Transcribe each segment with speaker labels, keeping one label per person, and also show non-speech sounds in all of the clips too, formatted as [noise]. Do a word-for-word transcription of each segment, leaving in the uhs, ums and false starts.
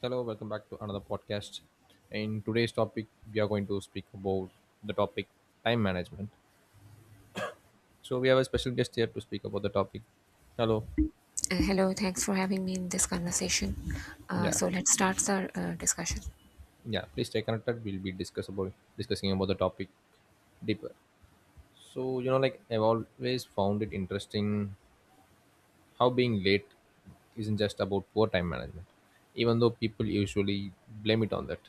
Speaker 1: Hello, welcome back to another podcast. In today's topic, we are going to speak about the topic time management. So we have a special guest here to speak about the topic. Hello.
Speaker 2: Uh, Hello, thanks for having me in this conversation. Uh,
Speaker 1: Yeah.
Speaker 2: so let's start the uh, discussion.
Speaker 1: Yeah. Please stay connected. We'll be discuss about discussing about the topic deeper. So you know, like I've always found it interesting how being late isn't just about poor time management, even though people usually blame it on that.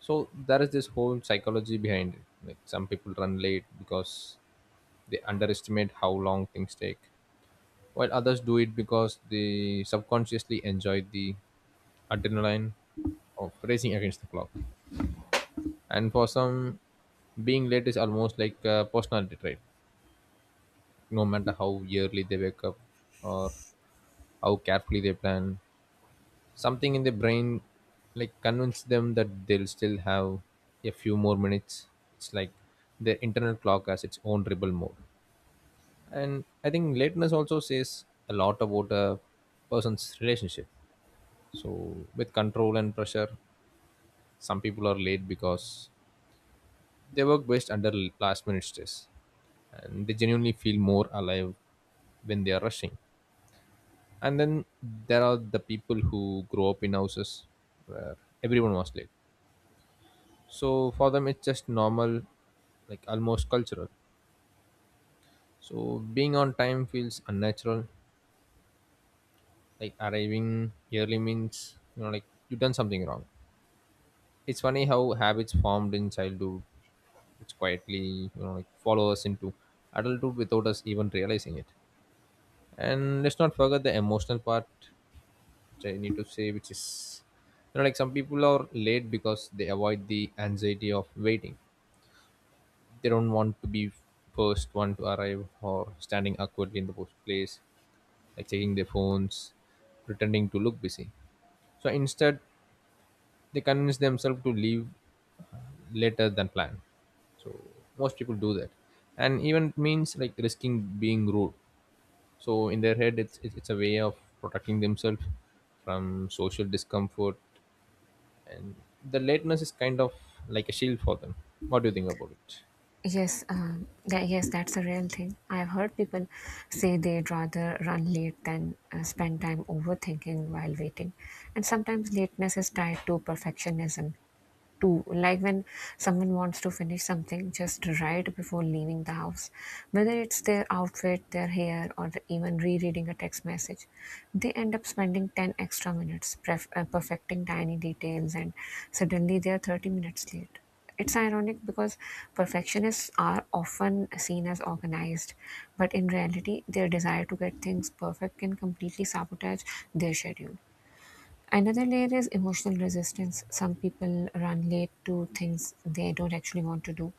Speaker 1: So there is this whole psychology behind it. Like some people run late because they underestimate how long things take, while others do it because they subconsciously enjoy the adrenaline of racing against the clock. And for some, being late is almost like a personality trait. No matter how early they wake up or how carefully they plan, something in their brain like convinces them that they'll still have a few more minutes. It's like their internal clock has its own rebel mode. And I think lateness also says a lot about a person's relationship, so with control and pressure. Some people are late because they work best under last minute stress, and they genuinely feel more alive when they are rushing. And then there are the people who grow up in houses where everyone was late, so for them it's just normal, like almost cultural. So being on time feels unnatural, like arriving early means you know like you've done something wrong. It's funny how habits formed in childhood which quietly you know like follow us into adulthood without us even realizing it. And let's not forget the emotional part, which I need to say, which is you know like, some people are late because they avoid the anxiety of waiting. They don't want to be first one to arrive or standing awkwardly in the post place, like checking their phones, pretending to look busy. So instead, they convince themselves to leave later than planned. So most people do that, and even it means like risking being rude. So in their head it's it's it's a way of protecting themselves from social discomfort. And the lateness is kind of like a shield for them. What do you think about it?
Speaker 2: Yes, um, that, yes, that's a real thing. I've heard people say they'd rather run late than uh, spend time overthinking while waiting, and sometimes lateness is tied to perfectionism. To like when someone wants to finish something just right before leaving the house, whether it's their outfit, their hair, or even rereading a text message. They end up spending ten extra minutes pref- uh, perfecting tiny details, and suddenly they are thirty minutes late. It's ironic because perfectionists are often seen as organized, but in reality, their desire to get things perfect can completely sabotage their schedule. Another layer is emotional resistance. Some people run late to things they don't actually want to do.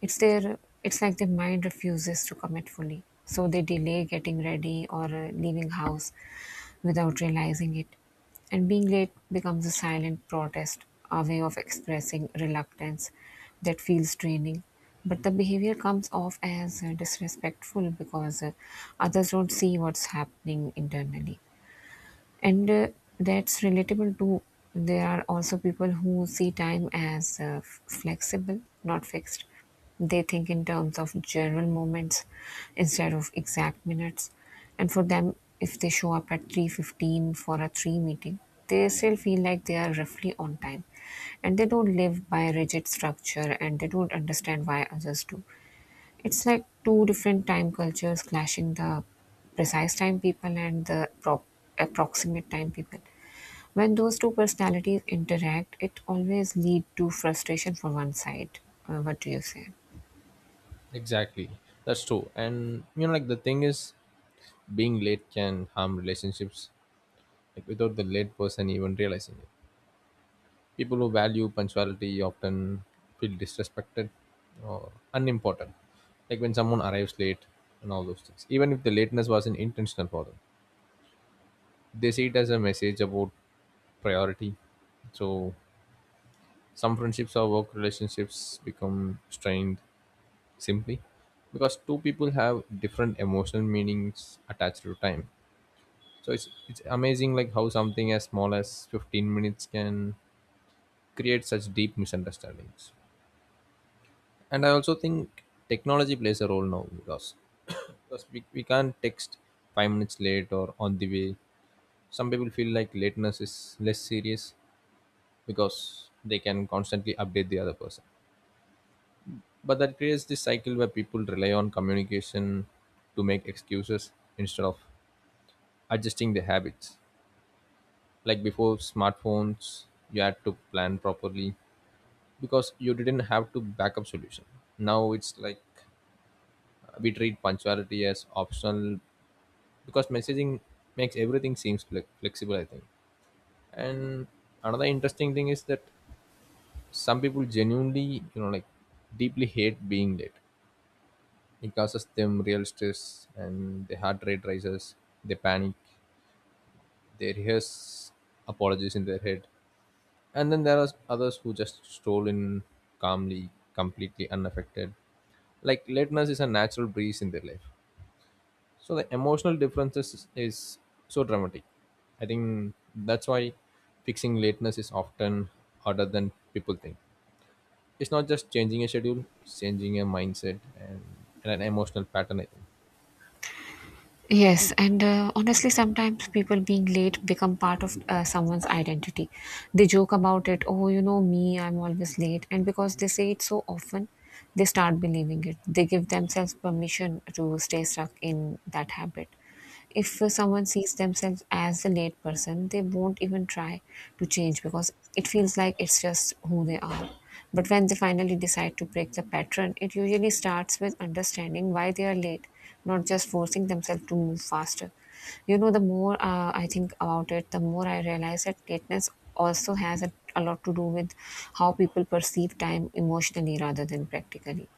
Speaker 2: It's their it's like their mind refuses to commit fully. So they delay getting ready or uh, leaving house without realizing it. And being late becomes a silent protest, a way of expressing reluctance that feels draining. But the behavior comes off as uh, disrespectful, because uh, others don't see what's happening internally. And uh, that's relatable too. There are also people who see time as uh, f- flexible, not fixed. They think in terms of general moments instead of exact minutes, and for them, if they show up at three fifteen for a three meeting, they still feel like they are roughly on time. And they don't live by rigid structure, and they don't understand why others do. It's like two different time cultures clashing: the precise time people and the pro- approximate time people. When those two personalities interact, it always lead to frustration for one side. Uh, what do you say?
Speaker 1: Exactly, that's true. And you know like the thing is, being late can harm relationships, like without the late person even realizing it. People who value punctuality often feel disrespected or unimportant, like when someone arrives late. And all those things, even if the lateness wasn't intentional for them, they see it as a message about priority. So some friendships or work relationships become strained, simply because two people have different emotional meanings attached to time. So it's it's amazing like how something as small as fifteen minutes can create such deep misunderstandings. And I also think technology plays a role now because because we, we can't text five minutes late or on the way. Some people feel like lateness is less serious because they can constantly update the other person. But that creates this cycle where people rely on communication to make excuses instead of adjusting their habits. Like before smartphones, you had to plan properly because you didn't have to backup solution. Now it's like, uh, we treat punctuality as optional because messaging makes everything seems fle- flexible, I think. And another interesting thing is that some people genuinely, you know like, deeply hate being late. It causes them real stress and their heart rate rises. They panic, they rehearse apologies in their head. And then there are others who just stroll in calmly, completely unaffected, like lateness is a natural breeze in their life. So the emotional differences is so dramatic. I think that's why fixing lateness is often harder than people think. It's not just changing a schedule, it's changing a mindset and, and an emotional pattern, I think.
Speaker 2: Yes, and uh, honestly, sometimes people being late become part of uh, someone's identity. They joke about it, oh, you know me, I'm always late. And because they say it so often, they start believing it. They give themselves permission to stay stuck in that habit. If uh, someone sees themselves as the late person, they won't even try to change, because it feels like it's just who they are. But when they finally decide to break the pattern, it usually starts with understanding why they are late, not just forcing themselves to move faster. You know, the more uh, I think about it, the more I realize that lateness also has a, a lot to do with how people perceive time emotionally rather than practically.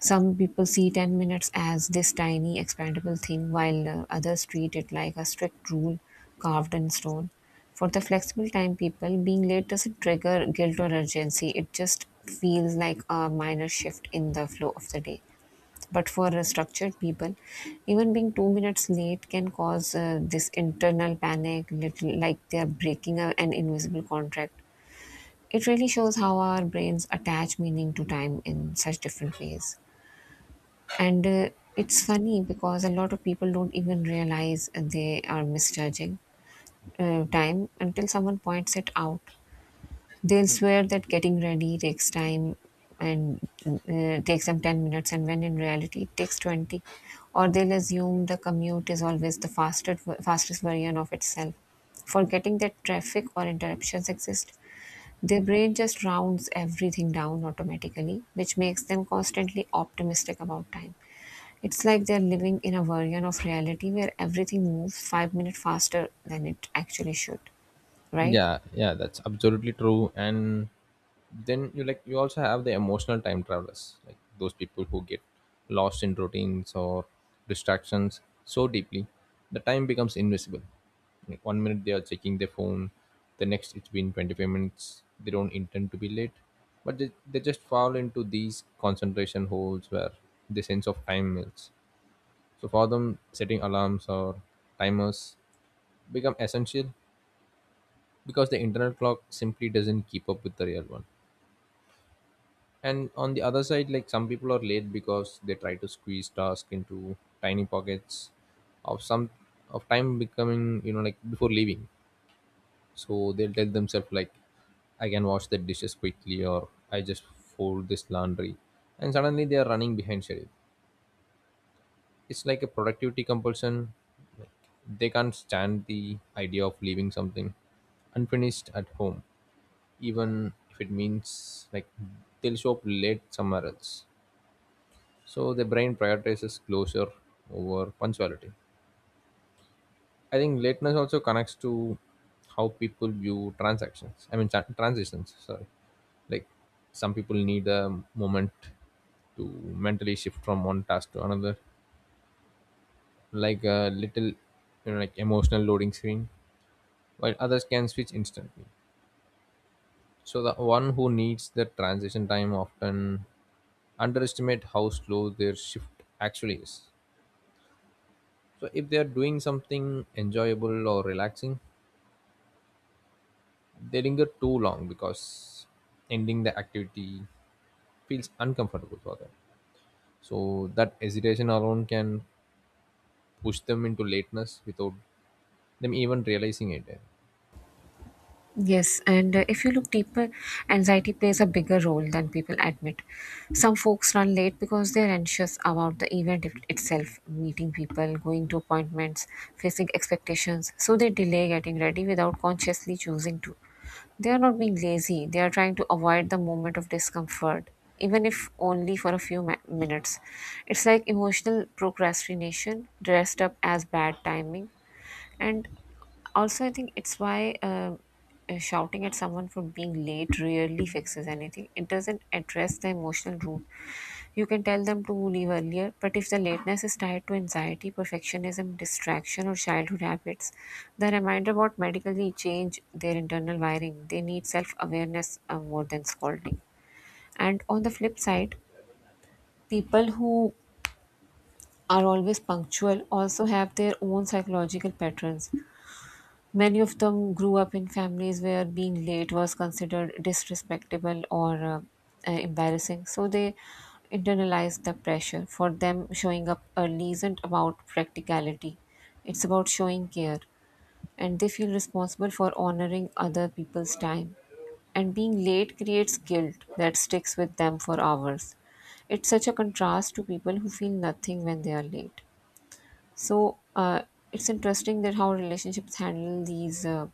Speaker 2: Some people see ten minutes as this tiny expandable thing, while uh, others treat it like a strict rule carved in stone. For the flexible time people, being late doesn't trigger guilt or urgency, it just feels like a minor shift in the flow of the day. But for uh, structured people, even being two minutes late can cause uh, this internal panic, little like they are breaking a, an invisible contract. It really shows how our brains attach meaning to time in such different ways. And uh, it's funny because a lot of people don't even realize they are misjudging uh, time until someone points it out. They'll swear that getting ready takes time and uh, takes them ten minutes, and when in reality it takes twenty. Or they'll assume the commute is always the fastest, fastest version of itself, forgetting that traffic or interruptions exist. Their brain just rounds everything down automatically, which makes them constantly optimistic about time. It's like they're living in a version of reality where everything moves five minutes faster than it actually should, right?
Speaker 1: Yeah, yeah, that's absolutely true. And then you like you also have the emotional time travelers, like those people who get lost in routines or distractions so deeply the time becomes invisible. Like one minute they are checking their phone, the next it's been twenty-five minutes. They don't intend to be late, but they, they just fall into these concentration holes where the sense of time melts. So for them setting alarms or timers become essential, because the internal clock simply doesn't keep up with the real one. And on the other side, like some people are late because they try to squeeze tasks into tiny pockets of some of time becoming, you know like, before leaving. So they'll tell themselves like, I can wash the dishes quickly, or I just fold this laundry, and suddenly they are running behind schedule. It's like a productivity compulsion, like they can't stand the idea of leaving something unfinished at home, even if it means like they'll show up late somewhere else. So the brain prioritizes closure over punctuality. I think lateness also connects to how people view transactions. I mean tran- transitions. Sorry, like some people need a moment to mentally shift from one task to another, like a little, you know, like, emotional loading screen, while others can switch instantly. So the one who needs the transition time often underestimate how slow their shift actually is. So if they are doing something enjoyable or relaxing, they linger too long because ending the activity feels uncomfortable for them. So that hesitation alone can push them into lateness without them even realizing it.
Speaker 2: Yes, and uh, if you look deeper, anxiety plays a bigger role than people admit. Some folks run late because they're anxious about the event it- itself, meeting people, going to appointments, facing expectations, so they delay getting ready without consciously choosing to. They are not being lazy, they are trying to avoid the moment of discomfort, even if only for a few ma- minutes. It's like emotional procrastination dressed up as bad timing. And also, I think it's why uh, uh, shouting at someone for being late really fixes anything. It doesn't address the emotional root. You can tell them to leave earlier, but if the lateness is tied to anxiety, perfectionism, distraction, or childhood habits, the reminder won't medically change their internal wiring. They need self awareness uh, more than scolding. And on the flip side, people who are always punctual also have their own psychological patterns. Many of them grew up in families where being late was considered disrespectable or uh, uh, embarrassing. So they internalized the pressure. For them, showing up early isn't about practicality, it's about showing care. And they feel responsible for honoring other people's time. And being late creates guilt that sticks with them for hours. It's such a contrast to people who feel nothing when they are late. So uh, it's interesting that how relationships handle these uh,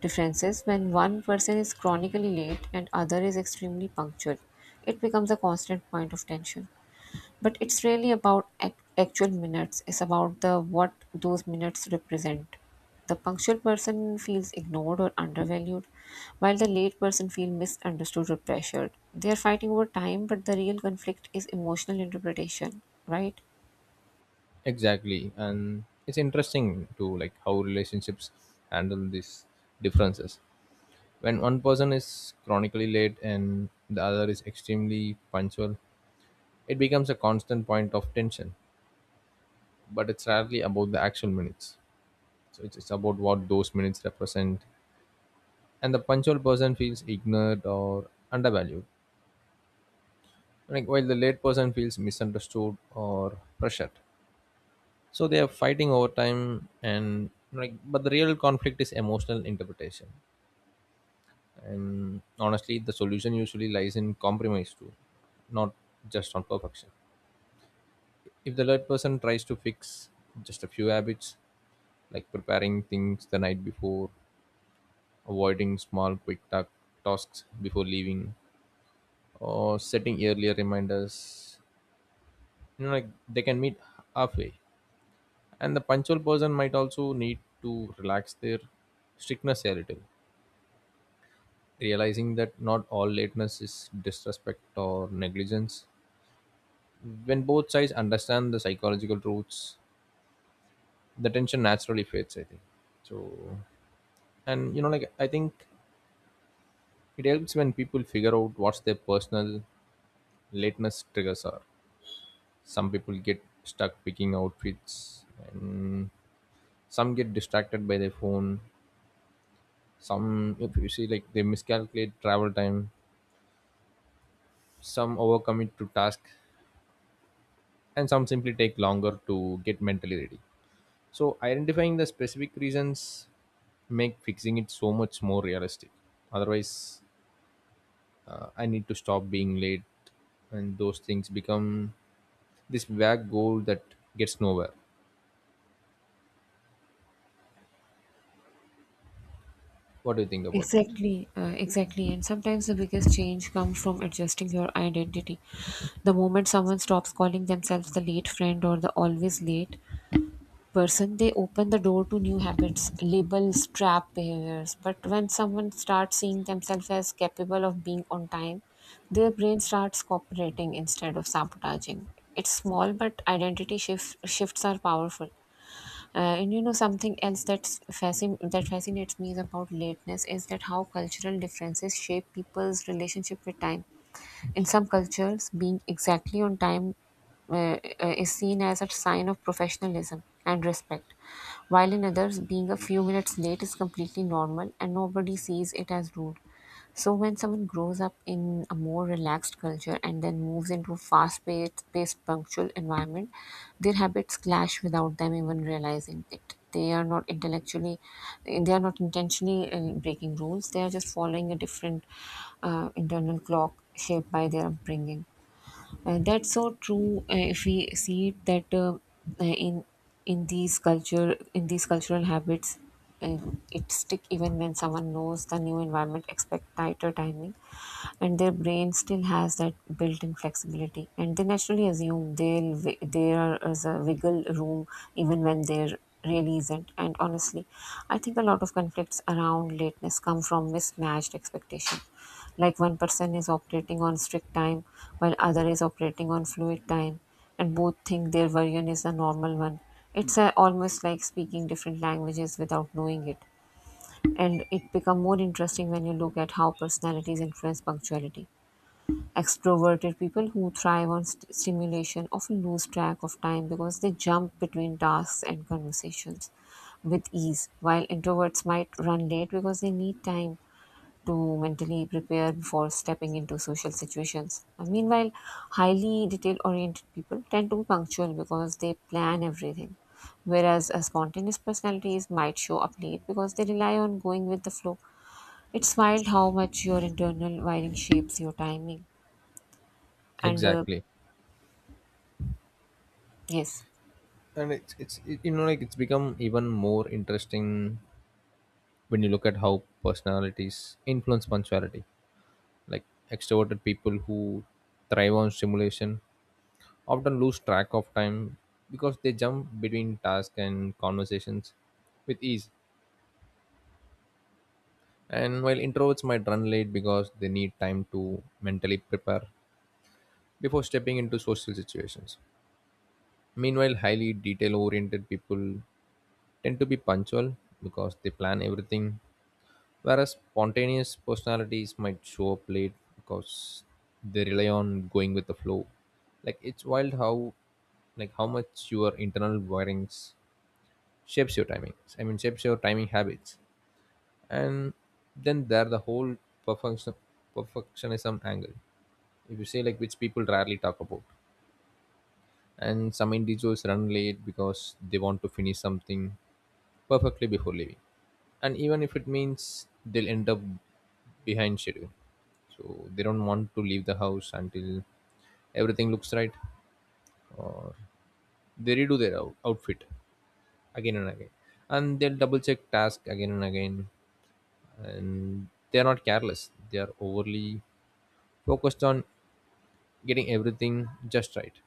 Speaker 2: differences when one person is chronically late and other is extremely punctual. It becomes a constant point of tension. But it's really about ac- actual minutes. It's about the what those minutes represent. The punctual person feels ignored or undervalued, while the late person feels misunderstood or pressured. They are fighting over time, but the real conflict is emotional interpretation, right?
Speaker 1: Exactly, and it's interesting to like how relationships handle these differences. When one person is chronically late and the other is extremely punctual, it becomes a constant point of tension. But it's rarely about the actual minutes. So it's, it's about what those minutes represent. And the punctual person feels ignored or undervalued, like while the late person feels misunderstood or pressured. So they are fighting over time, and like, but the real conflict is emotional interpretation. And honestly, the solution usually lies in compromise too, not just on perfection. If the third person tries to fix just a few habits, like preparing things the night before, avoiding small quick ta- tasks before leaving, or setting earlier reminders, you know like, they can meet halfway. And the punctual person might also need to relax their strictness a little, realizing that not all lateness is disrespect or negligence. When both sides understand the psychological truths, the tension naturally fades, I think. So, and you know like, I think it helps when people figure out what's their personal lateness triggers are. Some people get stuck picking outfits, and some get distracted by their phone, some if you see like they miscalculate travel time, some overcommit to tasks, and some simply take longer to get mentally ready. So identifying the specific reasons make fixing it so much more realistic. Otherwise, uh, I need to stop being late, and those things become this vague goal that gets nowhere. What do you think about that?
Speaker 2: Exactly, uh,
Speaker 1: Yeah,
Speaker 2: exactly. And sometimes the biggest change comes from adjusting your identity. The moment someone stops calling themselves the late friend or the always late person, they open the door to new habits, labels, trap behaviors. But when someone starts seeing themselves as capable of being on time, their brain starts cooperating instead of sabotaging. It's small, but identity shift, shifts are powerful. Uh, and you know something else that's fascin- that fascinates me is about lateness is that how cultural differences shape people's relationship with time. In some cultures, being exactly on time uh, uh, is seen as a sign of professionalism and respect, while in others, being a few minutes late is completely normal and nobody sees it as rude. So when someone grows up in a more relaxed culture and then moves into a fast-paced, paced, punctual environment, their habits clash without them even realizing it. They are not intellectually, they are not intentionally uh, breaking rules. They are just following a different uh, internal clock shaped by their upbringing. Uh, that's so true. Uh, if we see that uh, uh, in in these culture in these cultural habits, uh, it stick even when someone knows the new environment, expect tighter timing, and their brain still has that built-in flexibility, and they naturally assume they'll wi- there is a wiggle room even when there really isn't. And honestly, I think a lot of conflicts around lateness come from mismatched expectation, like one person is operating on strict time while other is operating on fluid time, and both think their version is a normal one. It's uh almost like speaking different languages without knowing it. And it become more interesting when you look at how personalities influence punctuality. Extroverted people who thrive on st- stimulation often lose track of time because they jump between tasks and conversations with ease, while introverts might run late because they need time to mentally prepare before stepping into social situations. Uh, Meanwhile, highly detail oriented people tend to be punctual because they plan everything, whereas a spontaneous personalities might show up late because they rely on going with the flow. It's wild how much your internal wiring shapes your timing. And uh,
Speaker 1: exactly.
Speaker 2: yes.
Speaker 1: And it's it's it, you know like, it's become even more interesting when you look at how personalities influence punctuality. Like extroverted people who thrive on stimulation often lose track of time because they jump between tasks and conversations with ease. And while introverts might run late because they need time to mentally prepare before stepping into social situations. Meanwhile, highly detail oriented people tend to be punctual because they plan everything, whereas spontaneous personalities might show up late because they rely on going with the flow. Like it's wild how, like, how much your internal wirings shapes your timings. I mean shapes your timing habits. And then there the whole perfection perfectionism angle, if you say, like, which people rarely talk about. And some individuals run late because they want to finish something perfectly before leaving, and even if it means they'll end up behind schedule. So they don't want to leave the house until everything looks right, or they redo their out- outfit again and again, and they'll double check task again and again. And they are not careless, they are overly focused on getting everything just right,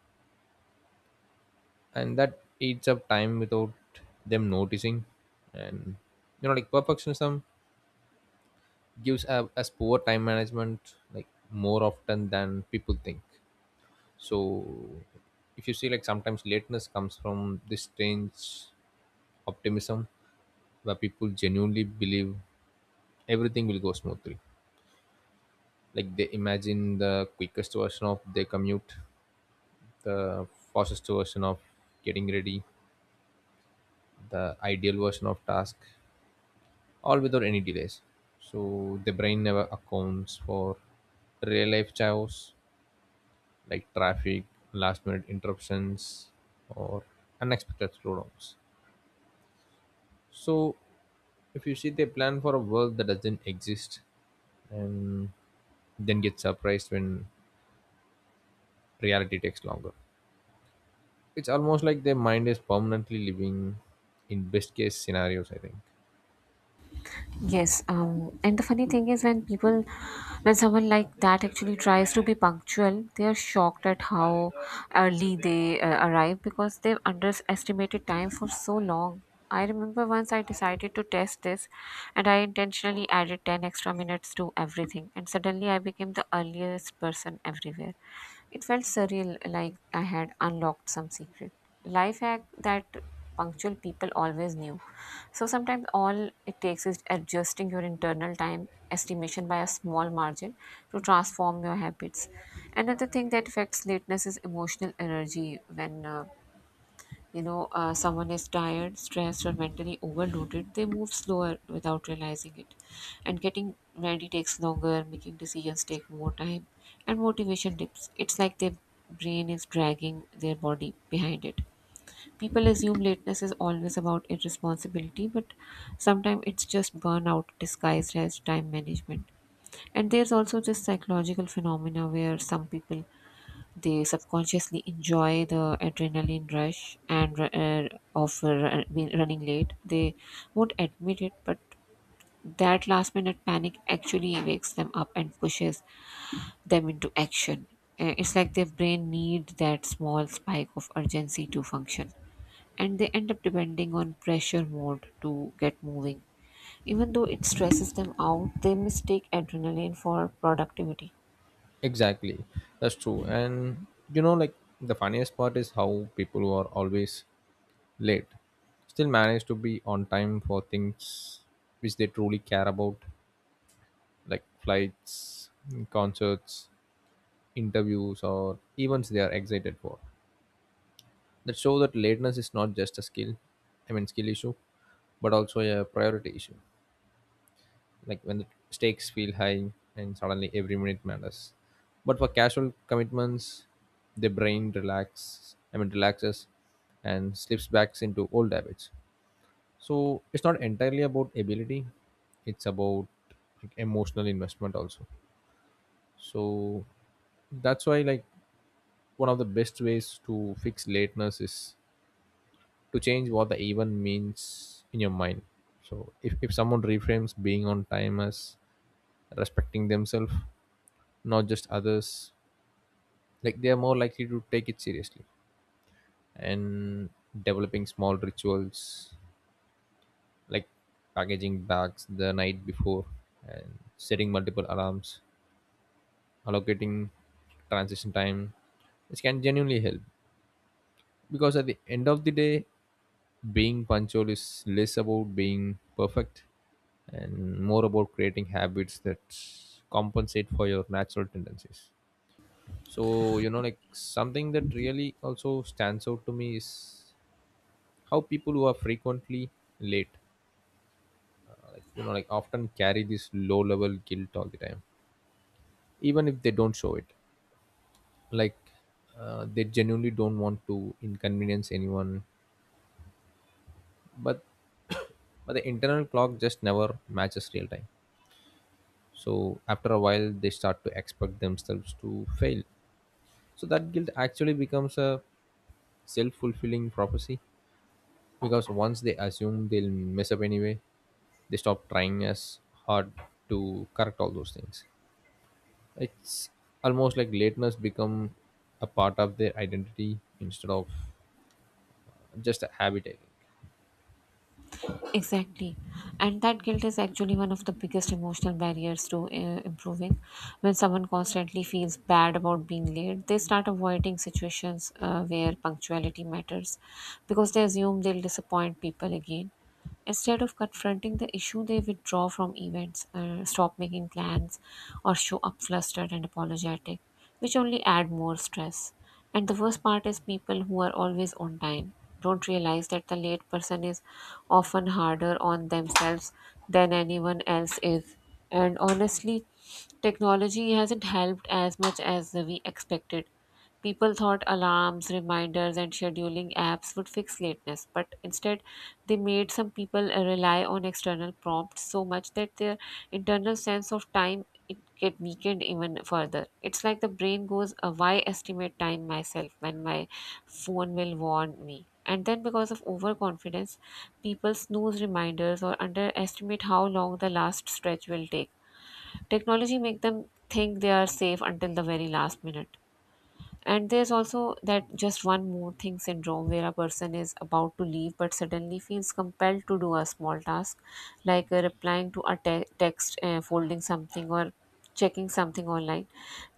Speaker 1: and that eats up time without them noticing. And you know like perfectionism gives a, us poor time management like more often than people think. So if you see like sometimes lateness comes from this strange optimism where people genuinely believe everything will go smoothly. Like they imagine the quickest version of their commute, the fastest version of getting ready, the ideal version of task, all without any delays. So the brain never accounts for real life chaos like traffic, last minute interruptions, or unexpected slowdowns. So if you see they plan for a world that doesn't exist and then get surprised when reality takes longer. It's almost like their mind is permanently living in best case scenarios, I think.
Speaker 2: Yes, um, and the funny thing is when people, when someone like that actually tries to be punctual, they are shocked at how early they uh, arrive because they've underestimated time for so long. I remember once I decided to test this, and I intentionally added ten extra minutes to everything, and suddenly I became the earliest person everywhere. It felt surreal, like I had unlocked some secret life hack that punctual people always knew. So sometimes all it takes is adjusting your internal time estimation by a small margin to transform your habits. Another thing that affects lateness is emotional energy. When uh, you know uh, someone is tired, stressed, or mentally overloaded, they move slower without realizing it, and getting ready takes longer. Making decisions take more time, and motivation dips. It's like their brain is dragging their body behind it. People assume lateness is always about irresponsibility, but sometimes it's just burnout disguised as time management. And there's also this psychological phenomena where some people they subconsciously enjoy the adrenaline rush and uh, of uh, being- running late. They won't admit it, but that last minute panic actually wakes them up and pushes them into action. Uh, It's like their brain need that small spike of urgency to function, and they end up depending on pressure mode to get moving. Even though it stresses them out, they mistake adrenaline for productivity.
Speaker 1: Exactly. That's true. And you know, like the funniest part is how people who are always late still manage to be on time for things which they truly care about, like flights, concerts, interviews, or events they are excited for. That show that lateness is not just a skill, I mean, skill issue, but also a priority issue. Like when the stakes feel high and suddenly every minute matters. But for casual commitments, the brain relax, I mean relaxes and slips back into old habits. So it's not entirely about ability, it's about, like, emotional investment also. So that's why, like, one of the best ways to fix lateness is to change what the event means in your mind. So if, if someone reframes being on time as respecting themselves, not just others, like, they are more likely to take it seriously, and developing small rituals like packaging bags the night before and setting multiple alarms, allocating transition time, which can genuinely help, because at the end of the day, being punctual is less about being perfect and more about creating habits that compensate for your natural tendencies. So you know like something that really also stands out to me is how people who are frequently late you know like often carry this low level guilt all the time, even if they don't show it. Like uh, they genuinely don't want to inconvenience anyone, but [coughs] but the internal clock just never matches real time. So after a while they start to expect themselves to fail, so that guilt actually becomes a self-fulfilling prophecy, because once they assume they'll mess up anyway, they stop trying as hard to correct all those things. It's almost like lateness become a part of their identity instead of just a habit, I think.
Speaker 2: Exactly. And that guilt is actually one of the biggest emotional barriers to uh, improving. When someone constantly feels bad about being late, they start avoiding situations uh, where punctuality matters because they assume they'll disappoint people again. Instead of confronting the issue, they withdraw from events, uh, stop making plans, or show up flustered and apologetic, which only add more stress. And the worst part is people who are always on time don't realize that the late person is often harder on themselves than anyone else is. And honestly, technology hasn't helped as much as we expected. People thought alarms, reminders, and scheduling apps would fix lateness, but instead, they made some people rely on external prompts so much that their internal sense of time it get weakened even further. It's like the brain goes, uh, why estimate time myself when my phone will warn me? And then, because of overconfidence, people snooze reminders or underestimate how long the last stretch will take. Technology make them think they are safe until the very last minute. And there's also that just one more thing syndrome where a person is about to leave but suddenly feels compelled to do a small task like uh, replying to a te- text, uh, folding something, or checking something online.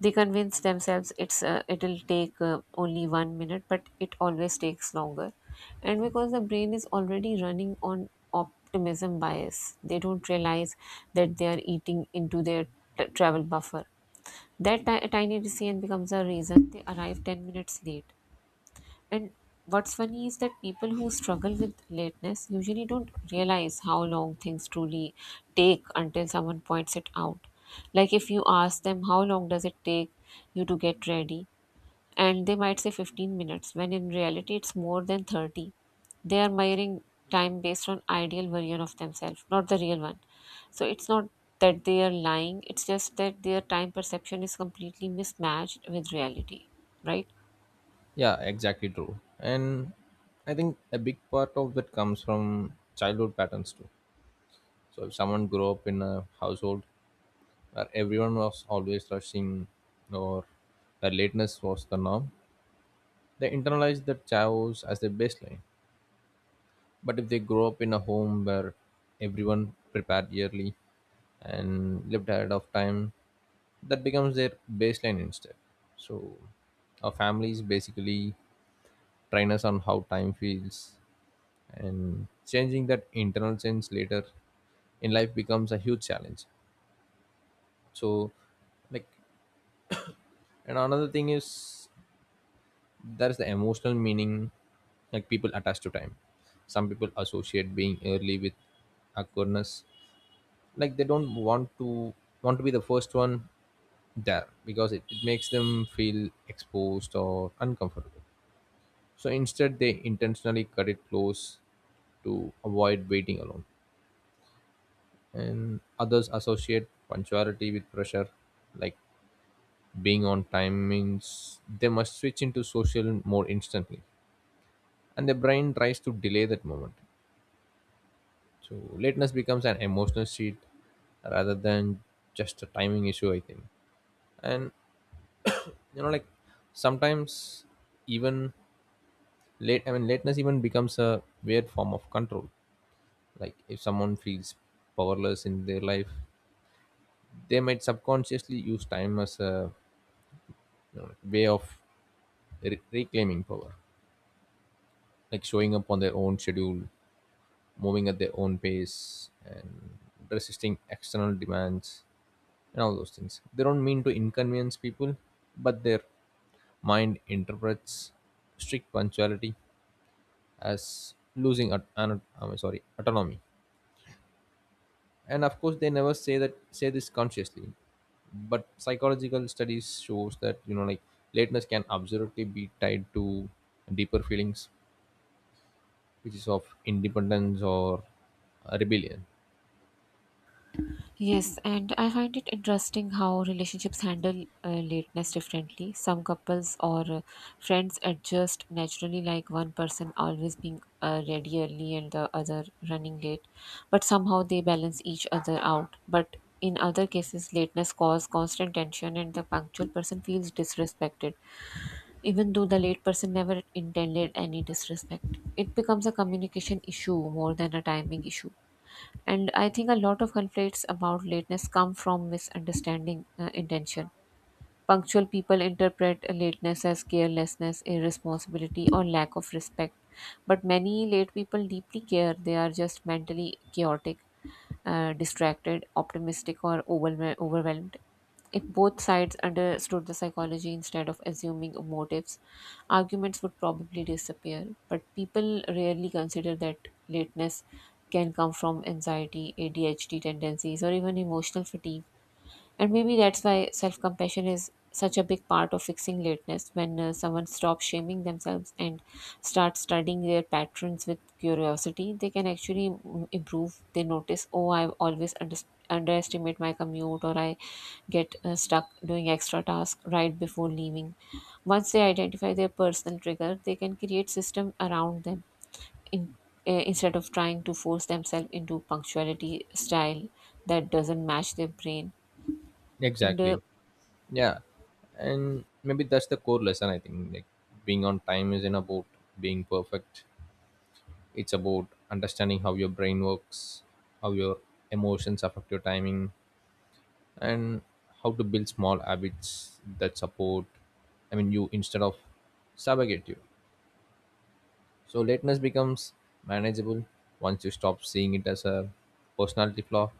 Speaker 2: They convince themselves it's uh, it'll take uh, only one minute, but it always takes longer. And because the brain is already running on optimism bias, they don't realize that they are eating into their t- travel buffer. That ti- Tiny decision becomes a reason they arrive ten minutes late. And what's funny is that people who struggle with lateness usually don't realize how long things truly take until someone points it out. Like if you ask them, how long does it take you to get ready? And they might say fifteen minutes when in reality it's more than thirty. They are measuring time based on ideal version of themselves, not the real one. So it's not that they are lying, it's just that their time perception is completely mismatched with reality, right?
Speaker 1: Yeah, exactly, true. And I think a big part of that comes from childhood patterns too. So if someone grew up in a household where everyone was always rushing, or where lateness was the norm, they internalize that chaos as their baseline. But if they grow up in a home where everyone prepared yearly and lived ahead of time, that becomes their baseline instead. So our families basically train us on how time feels, and changing that internal sense later in life becomes a huge challenge. So, like, and another thing is there's the emotional meaning like people attach to time. Some people associate being early with awkwardness, like they don't want to want to be the first one there because it, it makes them feel exposed or uncomfortable, so instead they intentionally cut it close to avoid waiting alone. And others associate punctuality with pressure, like being on time means they must switch into social more instantly, and the brain tries to delay that moment. So lateness becomes an emotional sheet rather than just a timing issue, I think. And you know like sometimes, even late i mean lateness even becomes a weird form of control. Like if someone feels powerless in their life, they might subconsciously use time as a, you know, way of re- reclaiming power, like showing up on their own schedule, moving at their own pace, and resisting external demands. And all those things, they don't mean to inconvenience people, but their mind interprets strict punctuality as losing at, an, I'm sorry autonomy. And of course they never say that say this consciously, but psychological studies shows that you know like lateness can absolutely be tied to deeper feelings which is of independence or uh, rebellion.
Speaker 2: Yes, and I find it interesting how relationships handle uh, lateness differently. Some couples or uh, friends adjust naturally, like one person always being uh, ready early and the other running late, but somehow they balance each other out. But in other cases, lateness causes constant tension, and the punctual person feels disrespected, even though the late person never intended any disrespect. It becomes a communication issue more than a timing issue, and I think a lot of conflicts about lateness come from misunderstanding uh, intention. Punctual people interpret lateness as carelessness, irresponsibility, or lack of respect. But many late people deeply care. They are just mentally chaotic, uh, distracted, optimistic, or overwhel- overwhelmed. If both sides understood the psychology instead of assuming motives, arguments would probably disappear. But people rarely consider that lateness can come from anxiety, A D H D tendencies, or even emotional fatigue. And maybe that's why self compassion is such a big part of fixing lateness. When uh, someone stops shaming themselves and starts studying their patterns with curiosity, they can actually mm, improve. They notice, oh, I always under- underestimate my commute, or I get uh, stuck doing extra tasks right before leaving. Once they identify their personal trigger, they can create system around them in, uh, instead of trying to force themselves into punctuality style that doesn't match their brain. And uh,
Speaker 1: Exactly. Yeah. And maybe that's the core lesson, I think. Like being on time isn't about being perfect, it's about understanding how your brain works, how your emotions affect your timing, and how to build small habits that support, I mean, you, instead of subjugate you. So lateness becomes manageable once you stop seeing it as a personality flaw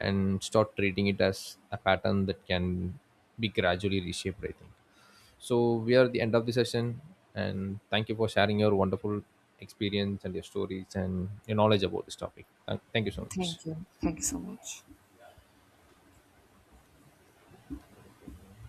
Speaker 1: and start treating it as a pattern that can be gradually reshaped, I think. So we are at the end of the session, and thank you for sharing your wonderful experience and your stories and your knowledge about this topic. Thank thank you so much.
Speaker 2: Thank you. Thank you so much.